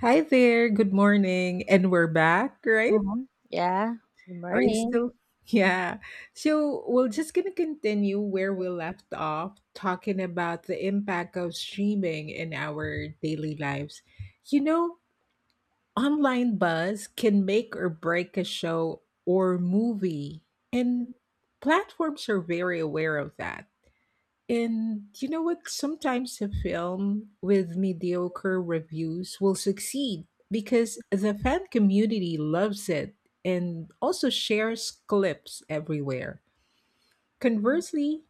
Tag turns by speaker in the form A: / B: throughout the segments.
A: Hi there, good morning. And we're back, right?
B: Hmm, yeah, good
A: Are you
B: morning.
A: still? Yeah. So we're just going to continue where we left off, talking about the impact of streaming in our daily lives. You know, online buzz can make or break a show or movie, and platforms are very aware of that. And you know what? Sometimes a film with mediocre reviews will succeed because the fan community loves it and also shares clips everywhere. Conversely,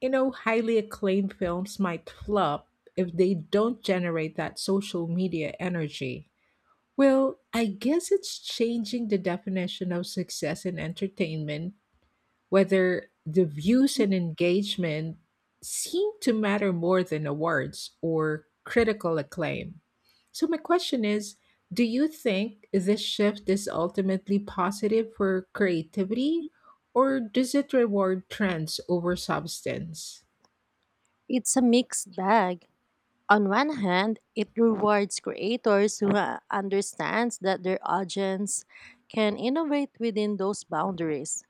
A: you know, highly acclaimed films might flop if they don't generate that social media energy. Well, I guess it's changing the definition of success in entertainment, whether the views and engagement seem to matter more than awards or critical acclaim. So, my question is, do you think this shift is ultimately positive for creativity, or does it reward trends over substance?
B: It's a mixed bag. On one hand, it rewards creators who understands that their audience can innovate within those boundaries.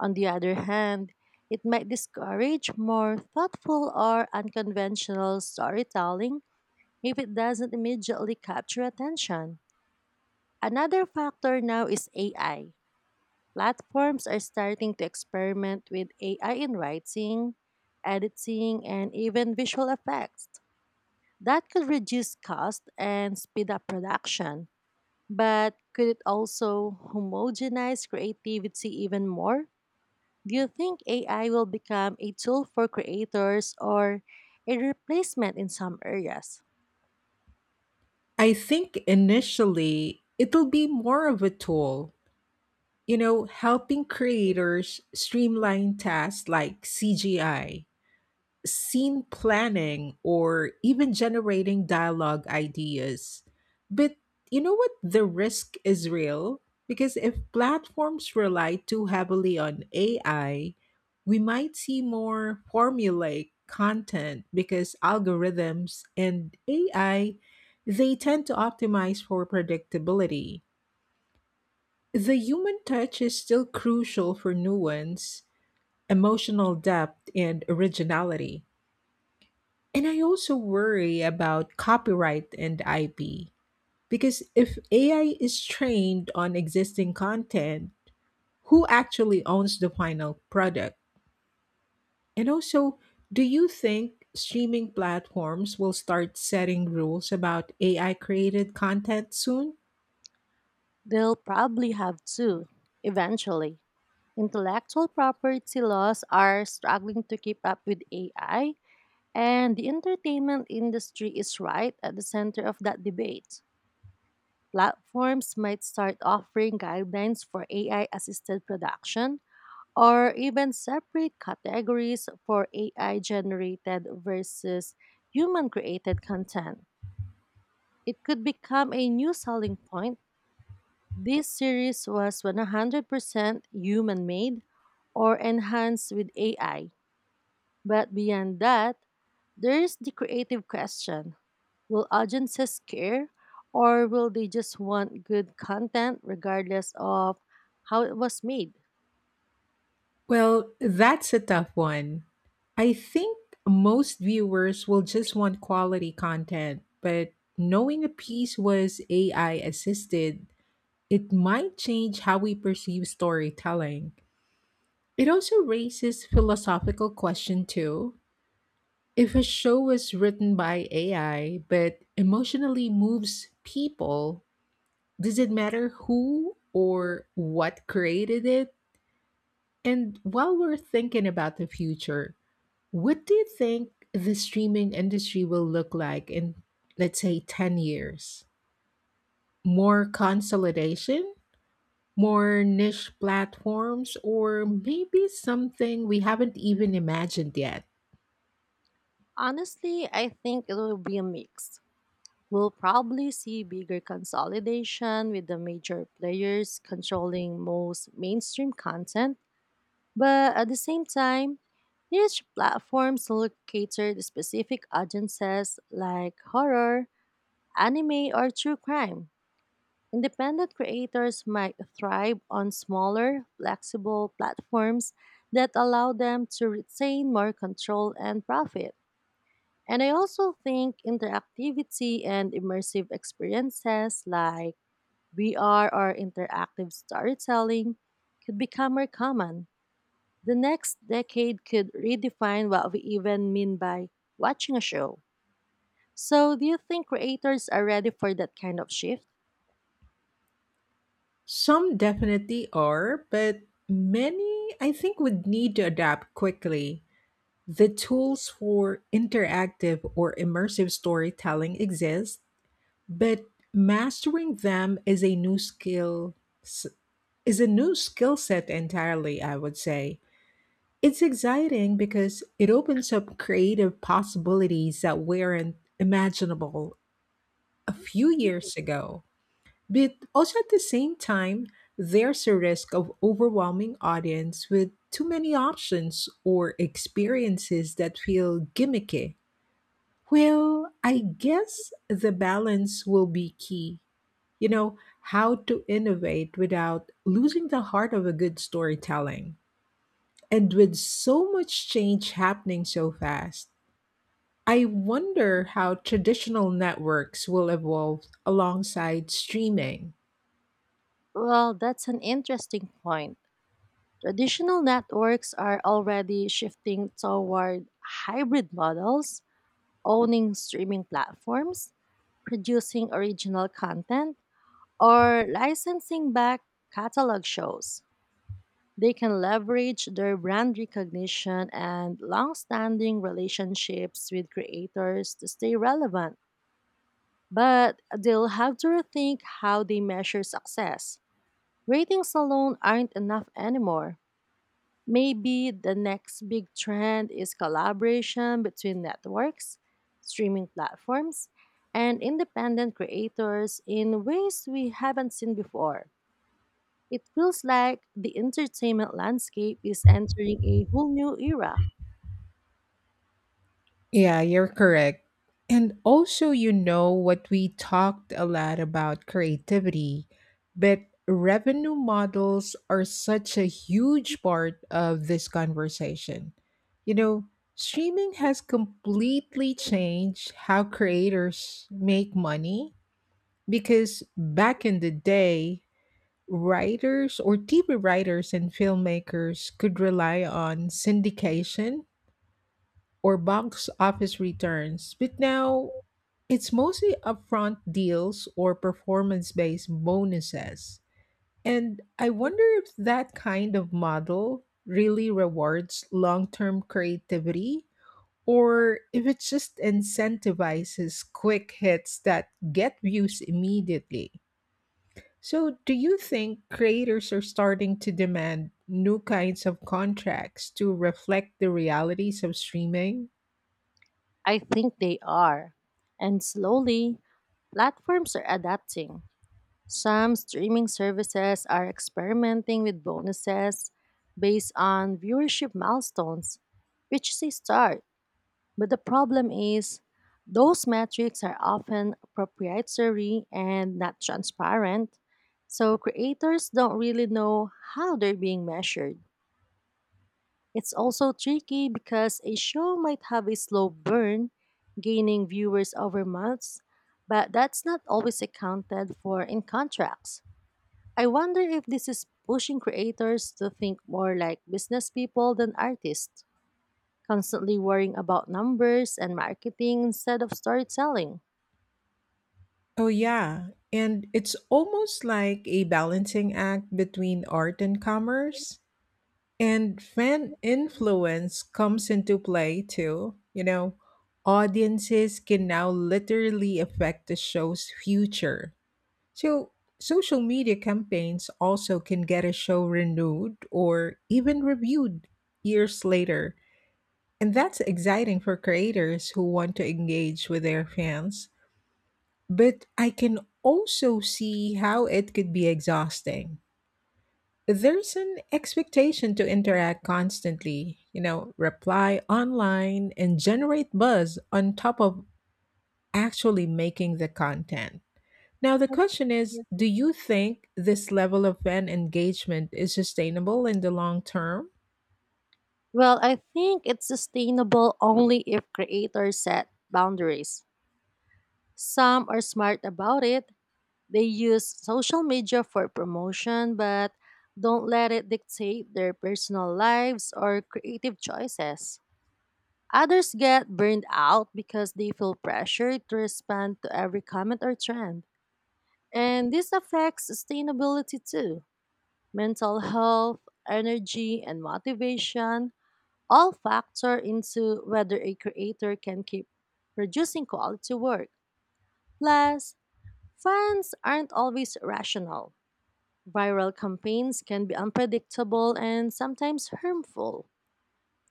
B: On the other hand, it might discourage more thoughtful or unconventional storytelling if it doesn't immediately capture attention. Another factor now is AI. Platforms are starting to experiment with AI in writing, editing, and even visual effects. That could reduce cost and speed up production. But could it also homogenize creativity even more? Do you think AI will become a tool for creators or a replacement in some areas?
A: I think initially it'll be more of a tool, you know, helping creators streamline tasks like CGI, scene planning, or even generating dialogue ideas. But you know what? The risk is real because if platforms rely too heavily on AI, we might see more formulaic content because algorithms and AI, they tend to optimize for predictability. The human touch is still crucial for nuance, emotional depth, and originality. And I also worry about copyright and IP because if AI is trained on existing content, who actually owns the final product? And also, do you think streaming platforms will start setting rules about AI created content soon?
B: They'll probably have to, eventually. Intellectual property laws are struggling to keep up with AI, and the entertainment industry is right at the center of that debate. Platforms might start offering guidelines for AI assisted production or even separate categories for AI generated versus human created content. It could become a new selling point. This series was 100% human made or enhanced with AI. But beyond that, there's the creative question: will agencies care, or will they just want good content regardless of how it was made?
A: Well, that's a tough one. I think most viewers will just want quality content, but knowing a piece was AI assisted, it might change how we perceive storytelling. It also raises philosophical question too. If a show is written by AI but emotionally moves people, does it matter who or what created it? And while we're thinking about the future, what do you think the streaming industry will look like in, let's say, 10 years? More consolidation, more niche platforms, or maybe something we haven't even imagined yet.
B: Honestly, I think it will be a mix. We'll probably see bigger consolidation with the major players controlling most mainstream content, but at the same time, niche platforms will cater to specific audiences like horror, anime, or true crime. Independent creators might thrive on smaller, flexible platforms that allow them to retain more control and profit. And I also think interactivity and immersive experiences like VR or interactive storytelling could become more common. The next decade could redefine what we even mean by watching a show. So, do you think creators are ready for that kind of shift?
A: Some definitely are, but many I think would need to adapt quickly. The tools for interactive or immersive storytelling exist, but mastering them is a new skill, s- is a new skill set entirely, I would say. It's exciting because it opens up creative possibilities that weren't imaginable a few years ago. But also at the same time, there's a risk of overwhelming audience with too many options or experiences that feel gimmicky. Well, I guess the balance will be key. You know, how to innovate without losing the heart of a good storytelling. And with so much change happening so fast, I wonder how traditional networks will evolve alongside streaming.
B: Well, that's an interesting point. Traditional networks are already shifting toward hybrid models, owning streaming platforms, producing original content, or licensing back catalog shows. They can leverage their brand recognition and long standing relationships with creators to stay relevant. But they'll have to rethink how they measure success. Ratings alone aren't enough anymore. Maybe the next big trend is collaboration between networks, streaming platforms, and independent creators in ways we haven't seen before. It feels like the entertainment landscape is entering a whole new era.
A: Yeah, you're correct. And also, you know what, we talked a lot about creativity, but revenue models are such a huge part of this conversation. You know, streaming has completely changed how creators make money. Because back in the day, writers or TV writers and filmmakers could rely on syndication or box office returns, but now it's mostly upfront deals or performance based bonuses. And I wonder if that kind of model really rewards long term creativity or if it just incentivizes quick hits that get views immediately. So, do you think creators are starting to demand new kinds of contracts to reflect the realities of streaming?
B: I think they are. And slowly, platforms are adapting. Some streaming services are experimenting with bonuses based on viewership milestones, which is a start. But the problem is, those metrics are often proprietary and not transparent, so creators don't really know how they're being measured. It's also tricky because a show might have a slow burn, gaining viewers over months, but that's not always accounted for in contracts. I wonder if this is pushing creators to think more like business people than artists, constantly worrying about numbers and marketing instead of storytelling.
A: Oh, yeah. And it's almost like a balancing act between art and commerce. And fan influence comes into play too. You know, audiences can now literally affect the show's future. So, social media campaigns also can get a show renewed or even reviewed years later. And that's exciting for creators who want to engage with their fans. But I can also see how it could be exhausting. There's an expectation to interact constantly, you know, reply online and generate buzz on top of actually making the content. Now, the question is,
B: Yeah.
A: do you think this level of fan engagement is sustainable in the long term?
B: Well, I think it's sustainable only if creators set boundaries. Some are smart about it. They use social media for promotion, but don't let it dictate their personal lives or creative choices. Others get burned out because they feel pressured to respond to every comment or trend. And this affects sustainability too. Mental health, energy, and motivation all factor into whether a creator can keep producing quality work. Plus, fans aren't always rational. Viral campaigns can be unpredictable and sometimes harmful.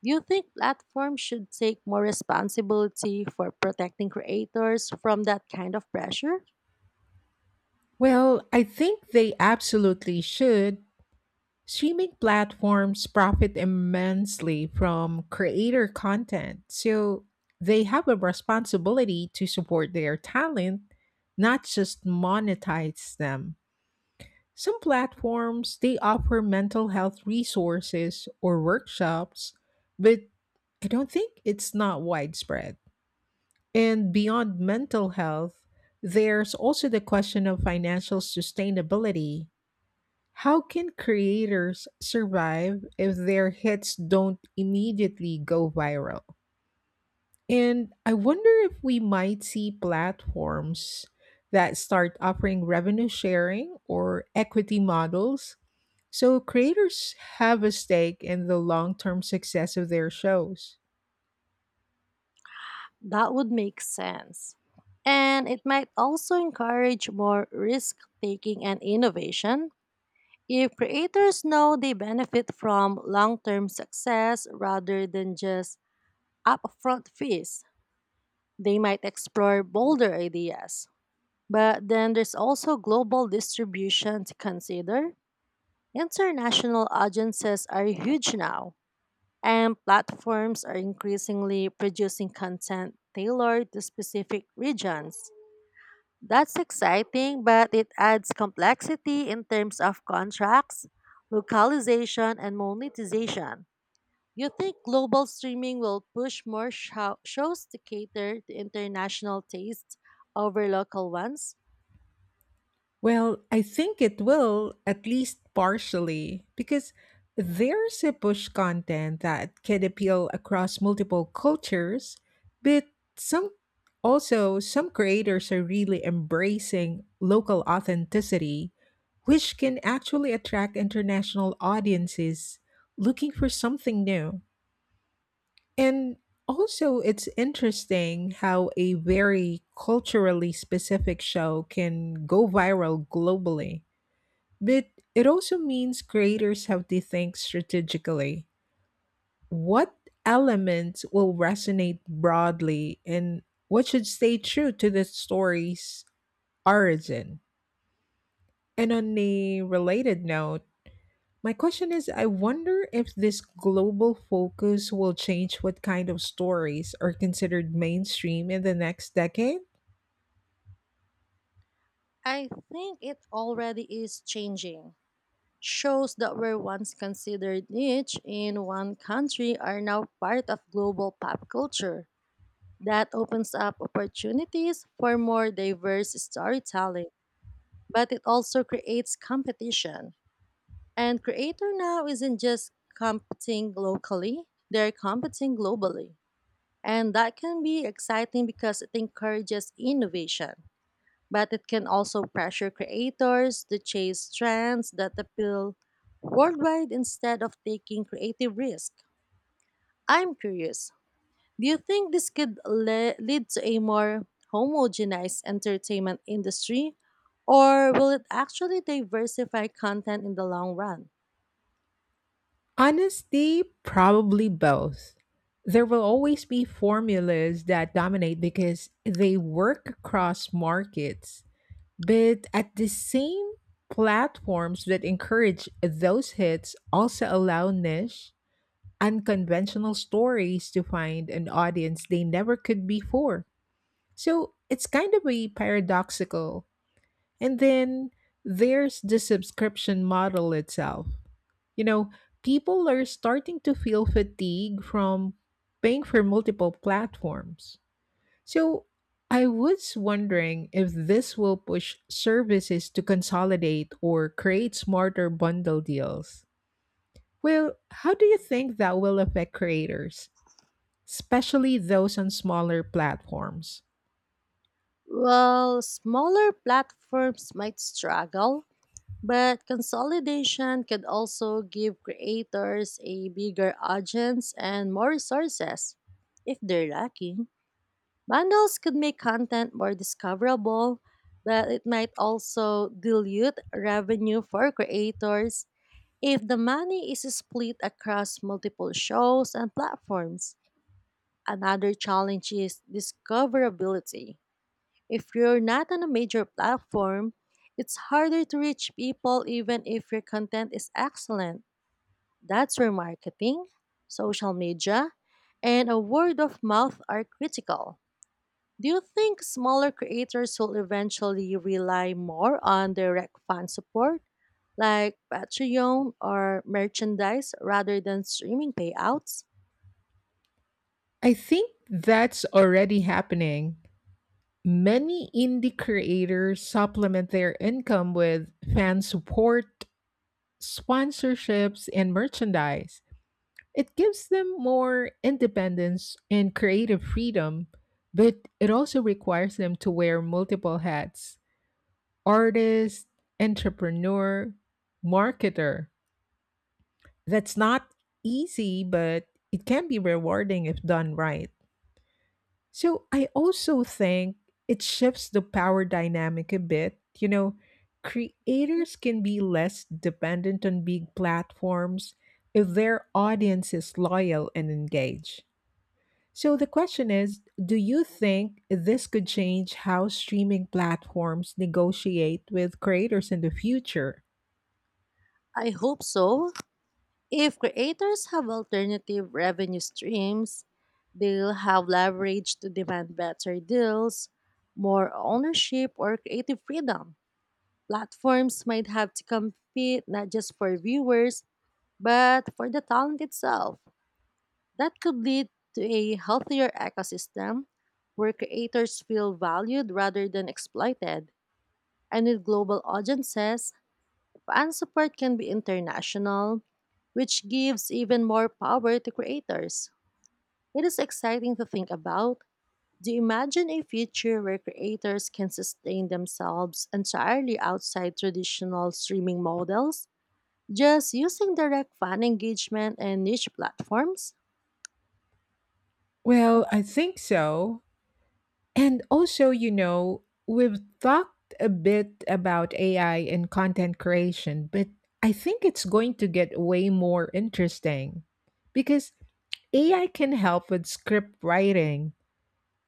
B: Do you think platforms should take more responsibility for protecting creators from that kind of pressure?
A: Well, I think they absolutely should. Streaming platforms profit immensely from creator content, so they have a responsibility to support their talent, not just monetize them. Some platforms, they offer mental health resources or workshops, but I don't think it's not widespread. And beyond mental health, there's also the question of financial sustainability. How can creators survive if their hits don't immediately go viral? And I wonder if we might see platforms that start offering revenue sharing or equity models so creators have a stake in the long term success of their shows.
B: That would make sense. And it might also encourage more risk taking and innovation if creators know they benefit from long term success rather than just upfront fees. They might explore bolder ideas. But then there's also global distribution to consider. International audiences are huge now, and platforms are increasingly producing content tailored to specific regions. That's exciting, but it adds complexity in terms of contracts, localization, and monetization. Do you think global streaming will push more shows to cater to international tastes over local ones?
A: Well, I think it will, at least partially, because there's a push content that can appeal across multiple cultures, but some, also some creators are really embracing local authenticity, which can actually attract international audiences looking for something new. And also, it's interesting how a very culturally specific show can go viral globally. But it also means creators have to think strategically. What elements will resonate broadly, and what should stay true to the story's origin? And on a related note, my question is, I wonder if this global focus will change what kind of stories are considered mainstream in the next decade?
B: I think it already is changing. Shows that were once considered niche in one country are now part of global pop culture. That opens up opportunities for more diverse storytelling, but it also creates competition. And creator now isn't just competing locally, they're competing globally. And that can be exciting because it encourages innovation, but it can also pressure creators to chase trends that appeal worldwide instead of taking creative risk. I'm curious, do you think this could lead to a more homogenized entertainment industry, or will it actually diversify content in the long run?
A: Honestly, probably both. There will always be formulas that dominate because they work across markets, but at the same, platforms that encourage those hits also allow niche, unconventional stories to find an audience they never could before. So it's kind of a paradoxical. And then there's the subscription model itself. You know, people are starting to feel fatigue from paying for multiple platforms. So I was wondering if this will push services to consolidate or create smarter bundle deals. Well, how do you think that will affect creators, especially those on smaller platforms?
B: Well, smaller platforms might struggle, but consolidation could also give creators a bigger audience and more resources if they're lucky. Bundles could make content more discoverable, but it might also dilute revenue for creators if the money is split across multiple shows and platforms. Another challenge is discoverability. If you're not on a major platform, it's harder to reach people even if your content is excellent. That's where marketing, social media, and a word of mouth are critical. Do you think smaller creators will eventually rely more on direct fan support, like Patreon or merchandise, rather than streaming payouts?
A: I think that's already happening. Many indie creators supplement their income with fan support, sponsorships, and merchandise. It gives them more independence and creative freedom, but it also requires them to wear multiple hats: artist, entrepreneur, marketer. That's not easy, but it can be rewarding if done right. So I also think it shifts the power dynamic a bit. You know, creators can be less dependent on big platforms if their audience is loyal and engaged. So the question is, do you think this could change how streaming platforms negotiate with creators in the future?
B: I hope so. If creators have alternative revenue streams, they'll have leverage to demand better deals, more ownership, or creative freedom. Platforms might have to compete not just for viewers, but for the talent itself. That could lead to a healthier ecosystem where creators feel valued rather than exploited. And with global audiences, fan support can be international, which gives even more power to creators. It is exciting to think about. Do you imagine a future where creators can sustain themselves entirely outside traditional streaming models, just using direct fan engagement and niche platforms?
A: Well, I think so. And also, you know, we've talked a bit about AI and content creation, but I think it's going to get way more interesting because AI can help with script writing,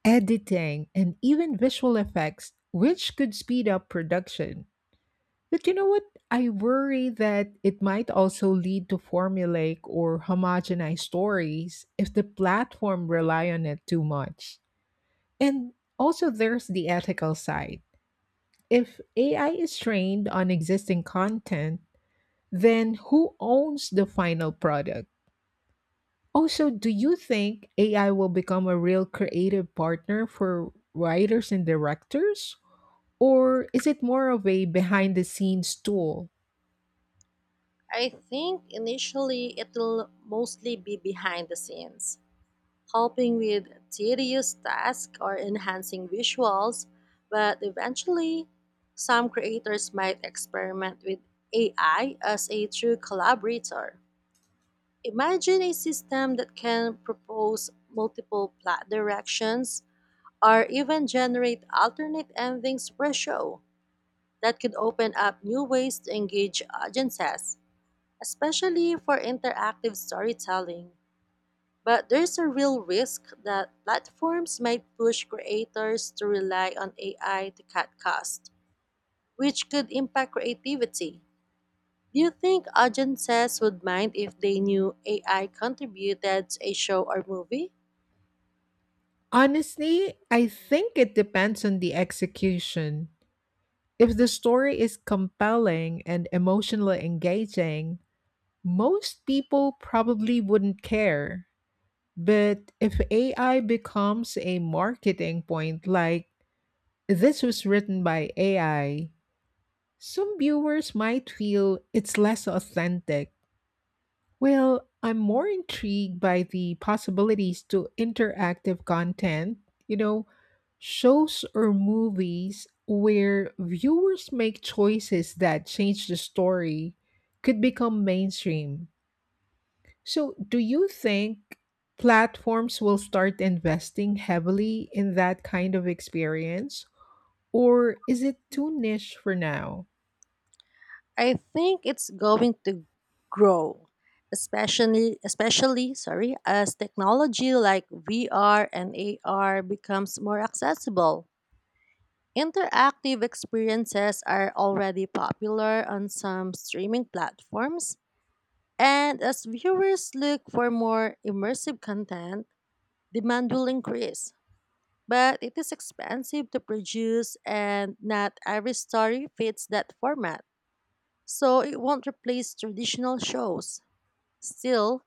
A: editing, and even visual effects, which could speed up production. But you know what? I worry that it might also lead to formulaic or homogenized stories if the platform rely on it too much. And also, there's the ethical side. If AI is trained on existing content, then who owns the final product? Also, do you think AI will become a real creative partner for writers and directors? Or is it more of a behind the scenes tool?
B: I think initially it'll mostly be behind the scenes, helping with tedious tasks or enhancing visuals, but eventually, some creators might experiment with AI as a true collaborator. Imagine a system that can propose multiple plot directions or even generate alternate endings per show. That could open up new ways to engage audiences, especially for interactive storytelling. But there's a real risk that platforms might push creators to rely on AI to cut costs, which could impact creativity. Do you think audiences would mind if they knew AI contributed to a show or movie?
A: Honestly, I think it depends on the execution. If the story is compelling and emotionally engaging, most people probably wouldn't care. But if AI becomes a marketing point, like this was written by AI, some viewers might feel it's less authentic. Well, I'm more intrigued by the possibilities to interactive content. You know, shows or movies where viewers make choices that change the story could become mainstream. So, do you think platforms will start investing heavily in that kind of experience, or is it too niche for now?
B: I think it's going to grow, especially as technology like VR and AR becomes more accessible. Interactive experiences are already popular on some streaming platforms, and as viewers look for more immersive content, demand will increase. But it is expensive to produce, and not every story fits that format, so it won't replace traditional shows. Still,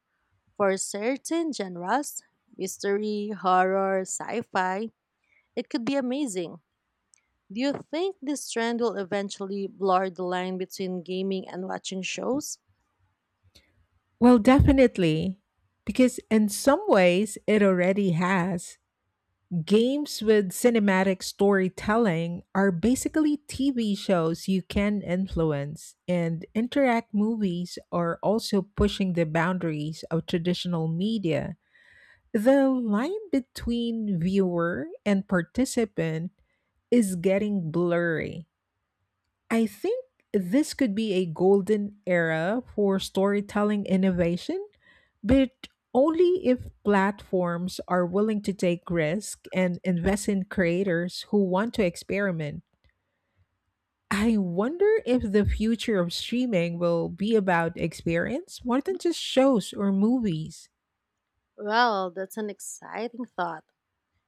B: for certain genres, mystery, horror, sci fi, it could be amazing. Do you think this trend will eventually blur the line between gaming and watching shows?
A: Well, definitely, because in some ways it already has. Games with cinematic storytelling are basically TV shows you can influence, and interact movies are also pushing the boundaries of traditional media. The line between viewer and participant is getting blurry. I think this could be a golden era for storytelling innovation, but only if platforms are willing to take risk and invest in creators who want to experiment. I wonder if the future of streaming will be about experience more than just shows or movies.
B: Well, that's an exciting thought.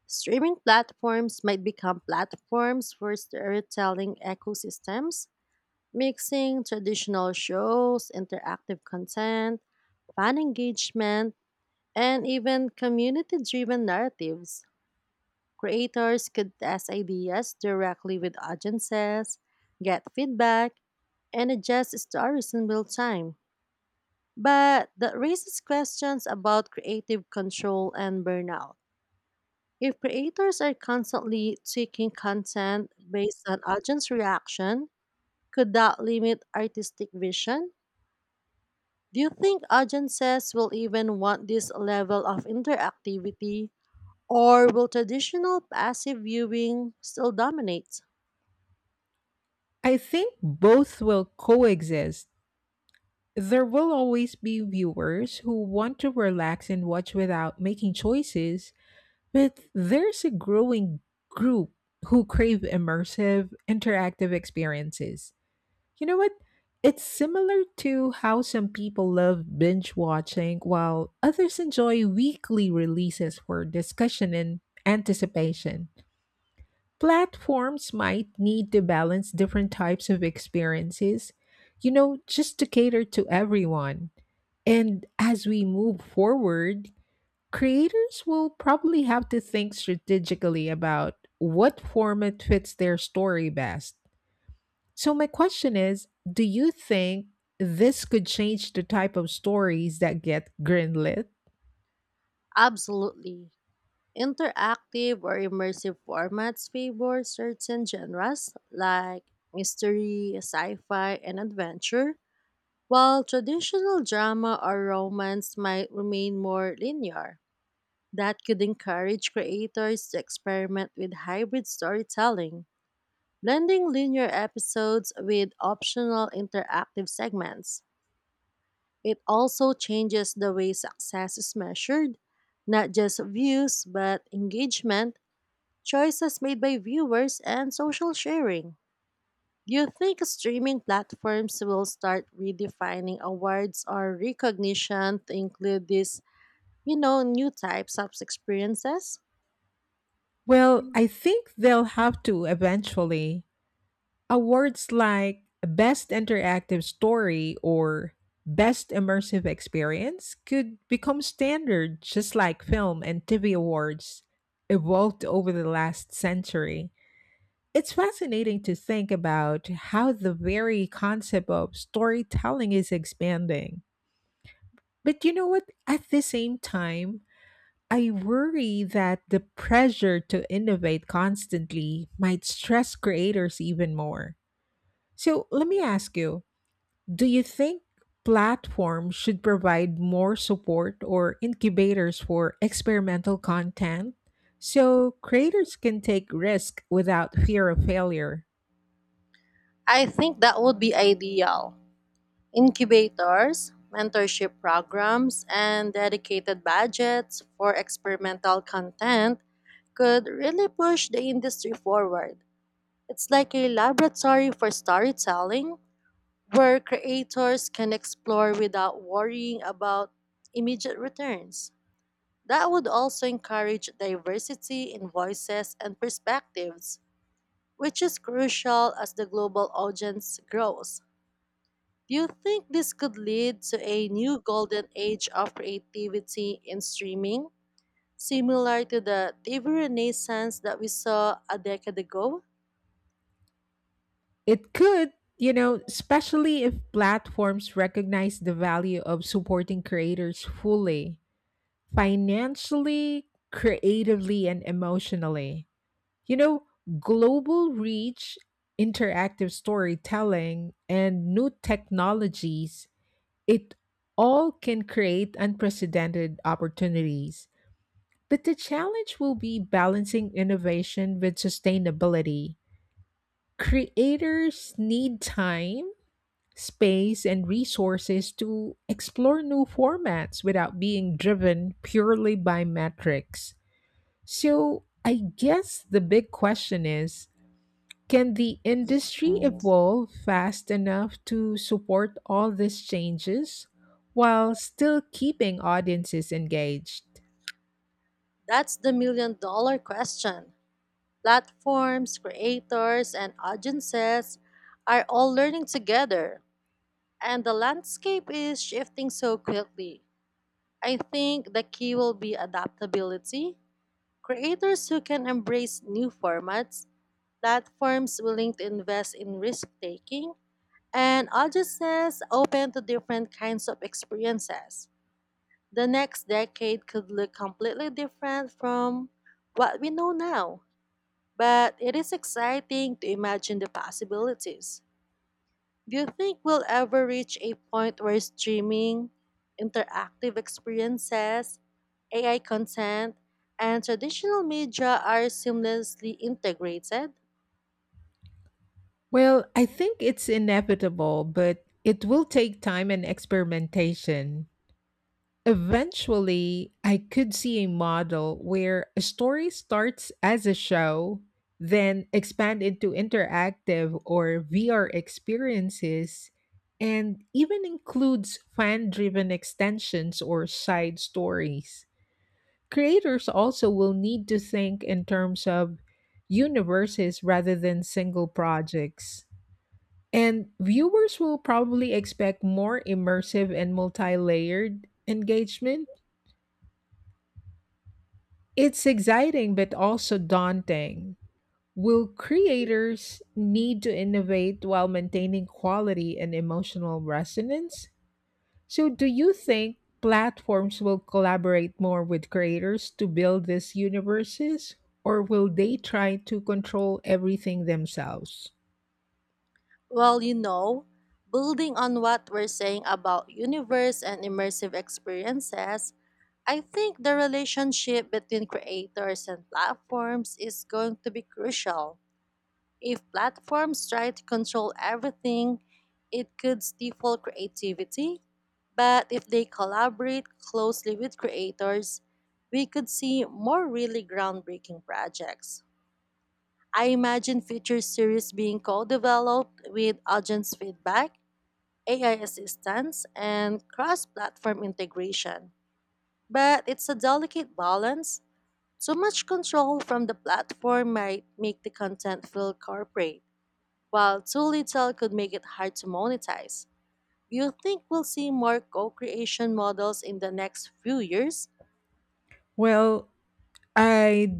B: Streaming platforms might become platforms for storytelling ecosystems, mixing traditional shows, interactive content, fan engagement, and even community driven narratives. Creators could test ideas directly with audiences, get feedback, and adjust stories in real time. But that raises questions about creative control and burnout. If creators are constantly tweaking content based on audience reaction, could that limit artistic vision? Do you think audiences will even want this level of interactivity, or will traditional passive viewing still dominate?
A: I think both will coexist. There will always be viewers who want to relax and watch without making choices, but there's a growing group who crave immersive, interactive experiences. You know what? It's similar to how some people love binge watching while others enjoy weekly releases for discussion and anticipation. Platforms might need to balance different types of experiences, you know, just to cater to everyone. And as we move forward, creators will probably have to think strategically about what format fits their story best. So, my question is, do you think this could change the type of stories that get greenlit?
B: Absolutely. Interactive or immersive formats favor certain genres like mystery, sci fi, and adventure, while traditional drama or romance might remain more linear. That could encourage creators to experiment with hybrid storytelling, blending linear episodes with optional interactive segments. It also changes the way success is measured, not just views, but engagement, choices made by viewers, and social sharing. Do you think streaming platforms will start redefining awards or recognition to include these, you know, new types of experiences?
A: Well, I think they'll have to eventually. Awards like Best Interactive Story or Best Immersive Experience could become standard, just like film and TV awards evolved over the last century. It's fascinating to think about how the very concept of storytelling is expanding. But you know what? At the same time, I worry that the pressure to innovate constantly might stress creators even more. So let me ask you, do you think platforms should provide more support or incubators for experimental content so creators can take risk without fear of failure?
B: I think that would be ideal. Incubators, mentorship programs, and dedicated budgets for experimental content could really push the industry forward. It's like a laboratory for storytelling, where creators can explore without worrying about immediate returns. That would also encourage diversity in voices and perspectives, which is crucial as the global audience grows. Do you think this could lead to a new golden age of creativity in streaming, similar to the TV renaissance that we saw a decade ago?
A: It could, you know, especially if platforms recognize the value of supporting creators fully, financially, creatively, and emotionally. You know, global reach, interactive storytelling, and new technologies, it all can create unprecedented opportunities, but the challenge will be balancing innovation with sustainability. Creators need time, space, and resources to explore new formats without being driven purely by metrics. So, I guess the big question is, can the industry evolve fast enough to support all these changes while still keeping audiences engaged?
B: That's the million-dollar question. Platforms, creators, and audiences are all learning together, and the landscape is shifting so quickly. I think the key will be adaptability. Creators who can embrace new formats, platforms willing to invest in risk taking, and audiences open to different kinds of experiences. The next decade could look completely different from what we know now. But it is exciting to imagine the possibilities. Do you think we'll ever reach a point where streaming, interactive experiences, AI content, and traditional media are seamlessly integrated?
A: Well, I think it's inevitable, but it will take time and experimentation. Eventually, I could see a model where a story starts as a show, then expand into interactive or VR experiences, and even includes fan-driven extensions or side stories. Creators also will need to think in terms of universes rather than single projects. And viewers will probably expect more immersive and multi layered engagement. It's exciting but also daunting. Will creators need to innovate while maintaining quality and emotional resonance? So, do you think platforms will collaborate more with creators to build these universes, or will they try to control everything themselves?
B: Well, you know, building on what we're saying about universe and immersive experiences, I think the relationship between creators and platforms is going to be crucial. If platforms try to control everything, it could stifle creativity. But if they collaborate closely with creators, we could see more really groundbreaking projects. I imagine future series being co developed with audience feedback, AI assistance, and cross platform integration. But it's a delicate balance, too much control from the platform might make the content feel corporate, while too little could make it hard to monetize. Do you think we'll see more co creation models in the next few years?
A: Well, I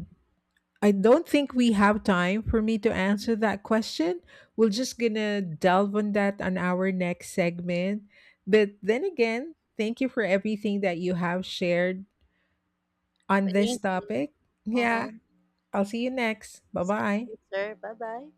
A: I don't think we have time for me to answer that question. We're just gonna delve on that on our next segment. But then again, thank you for everything that you have shared on this
B: Thank you.
A: topic. Yeah,
B: Mhm.
A: I'll see you next. Bye
B: See
A: bye.
B: you later. Bye bye.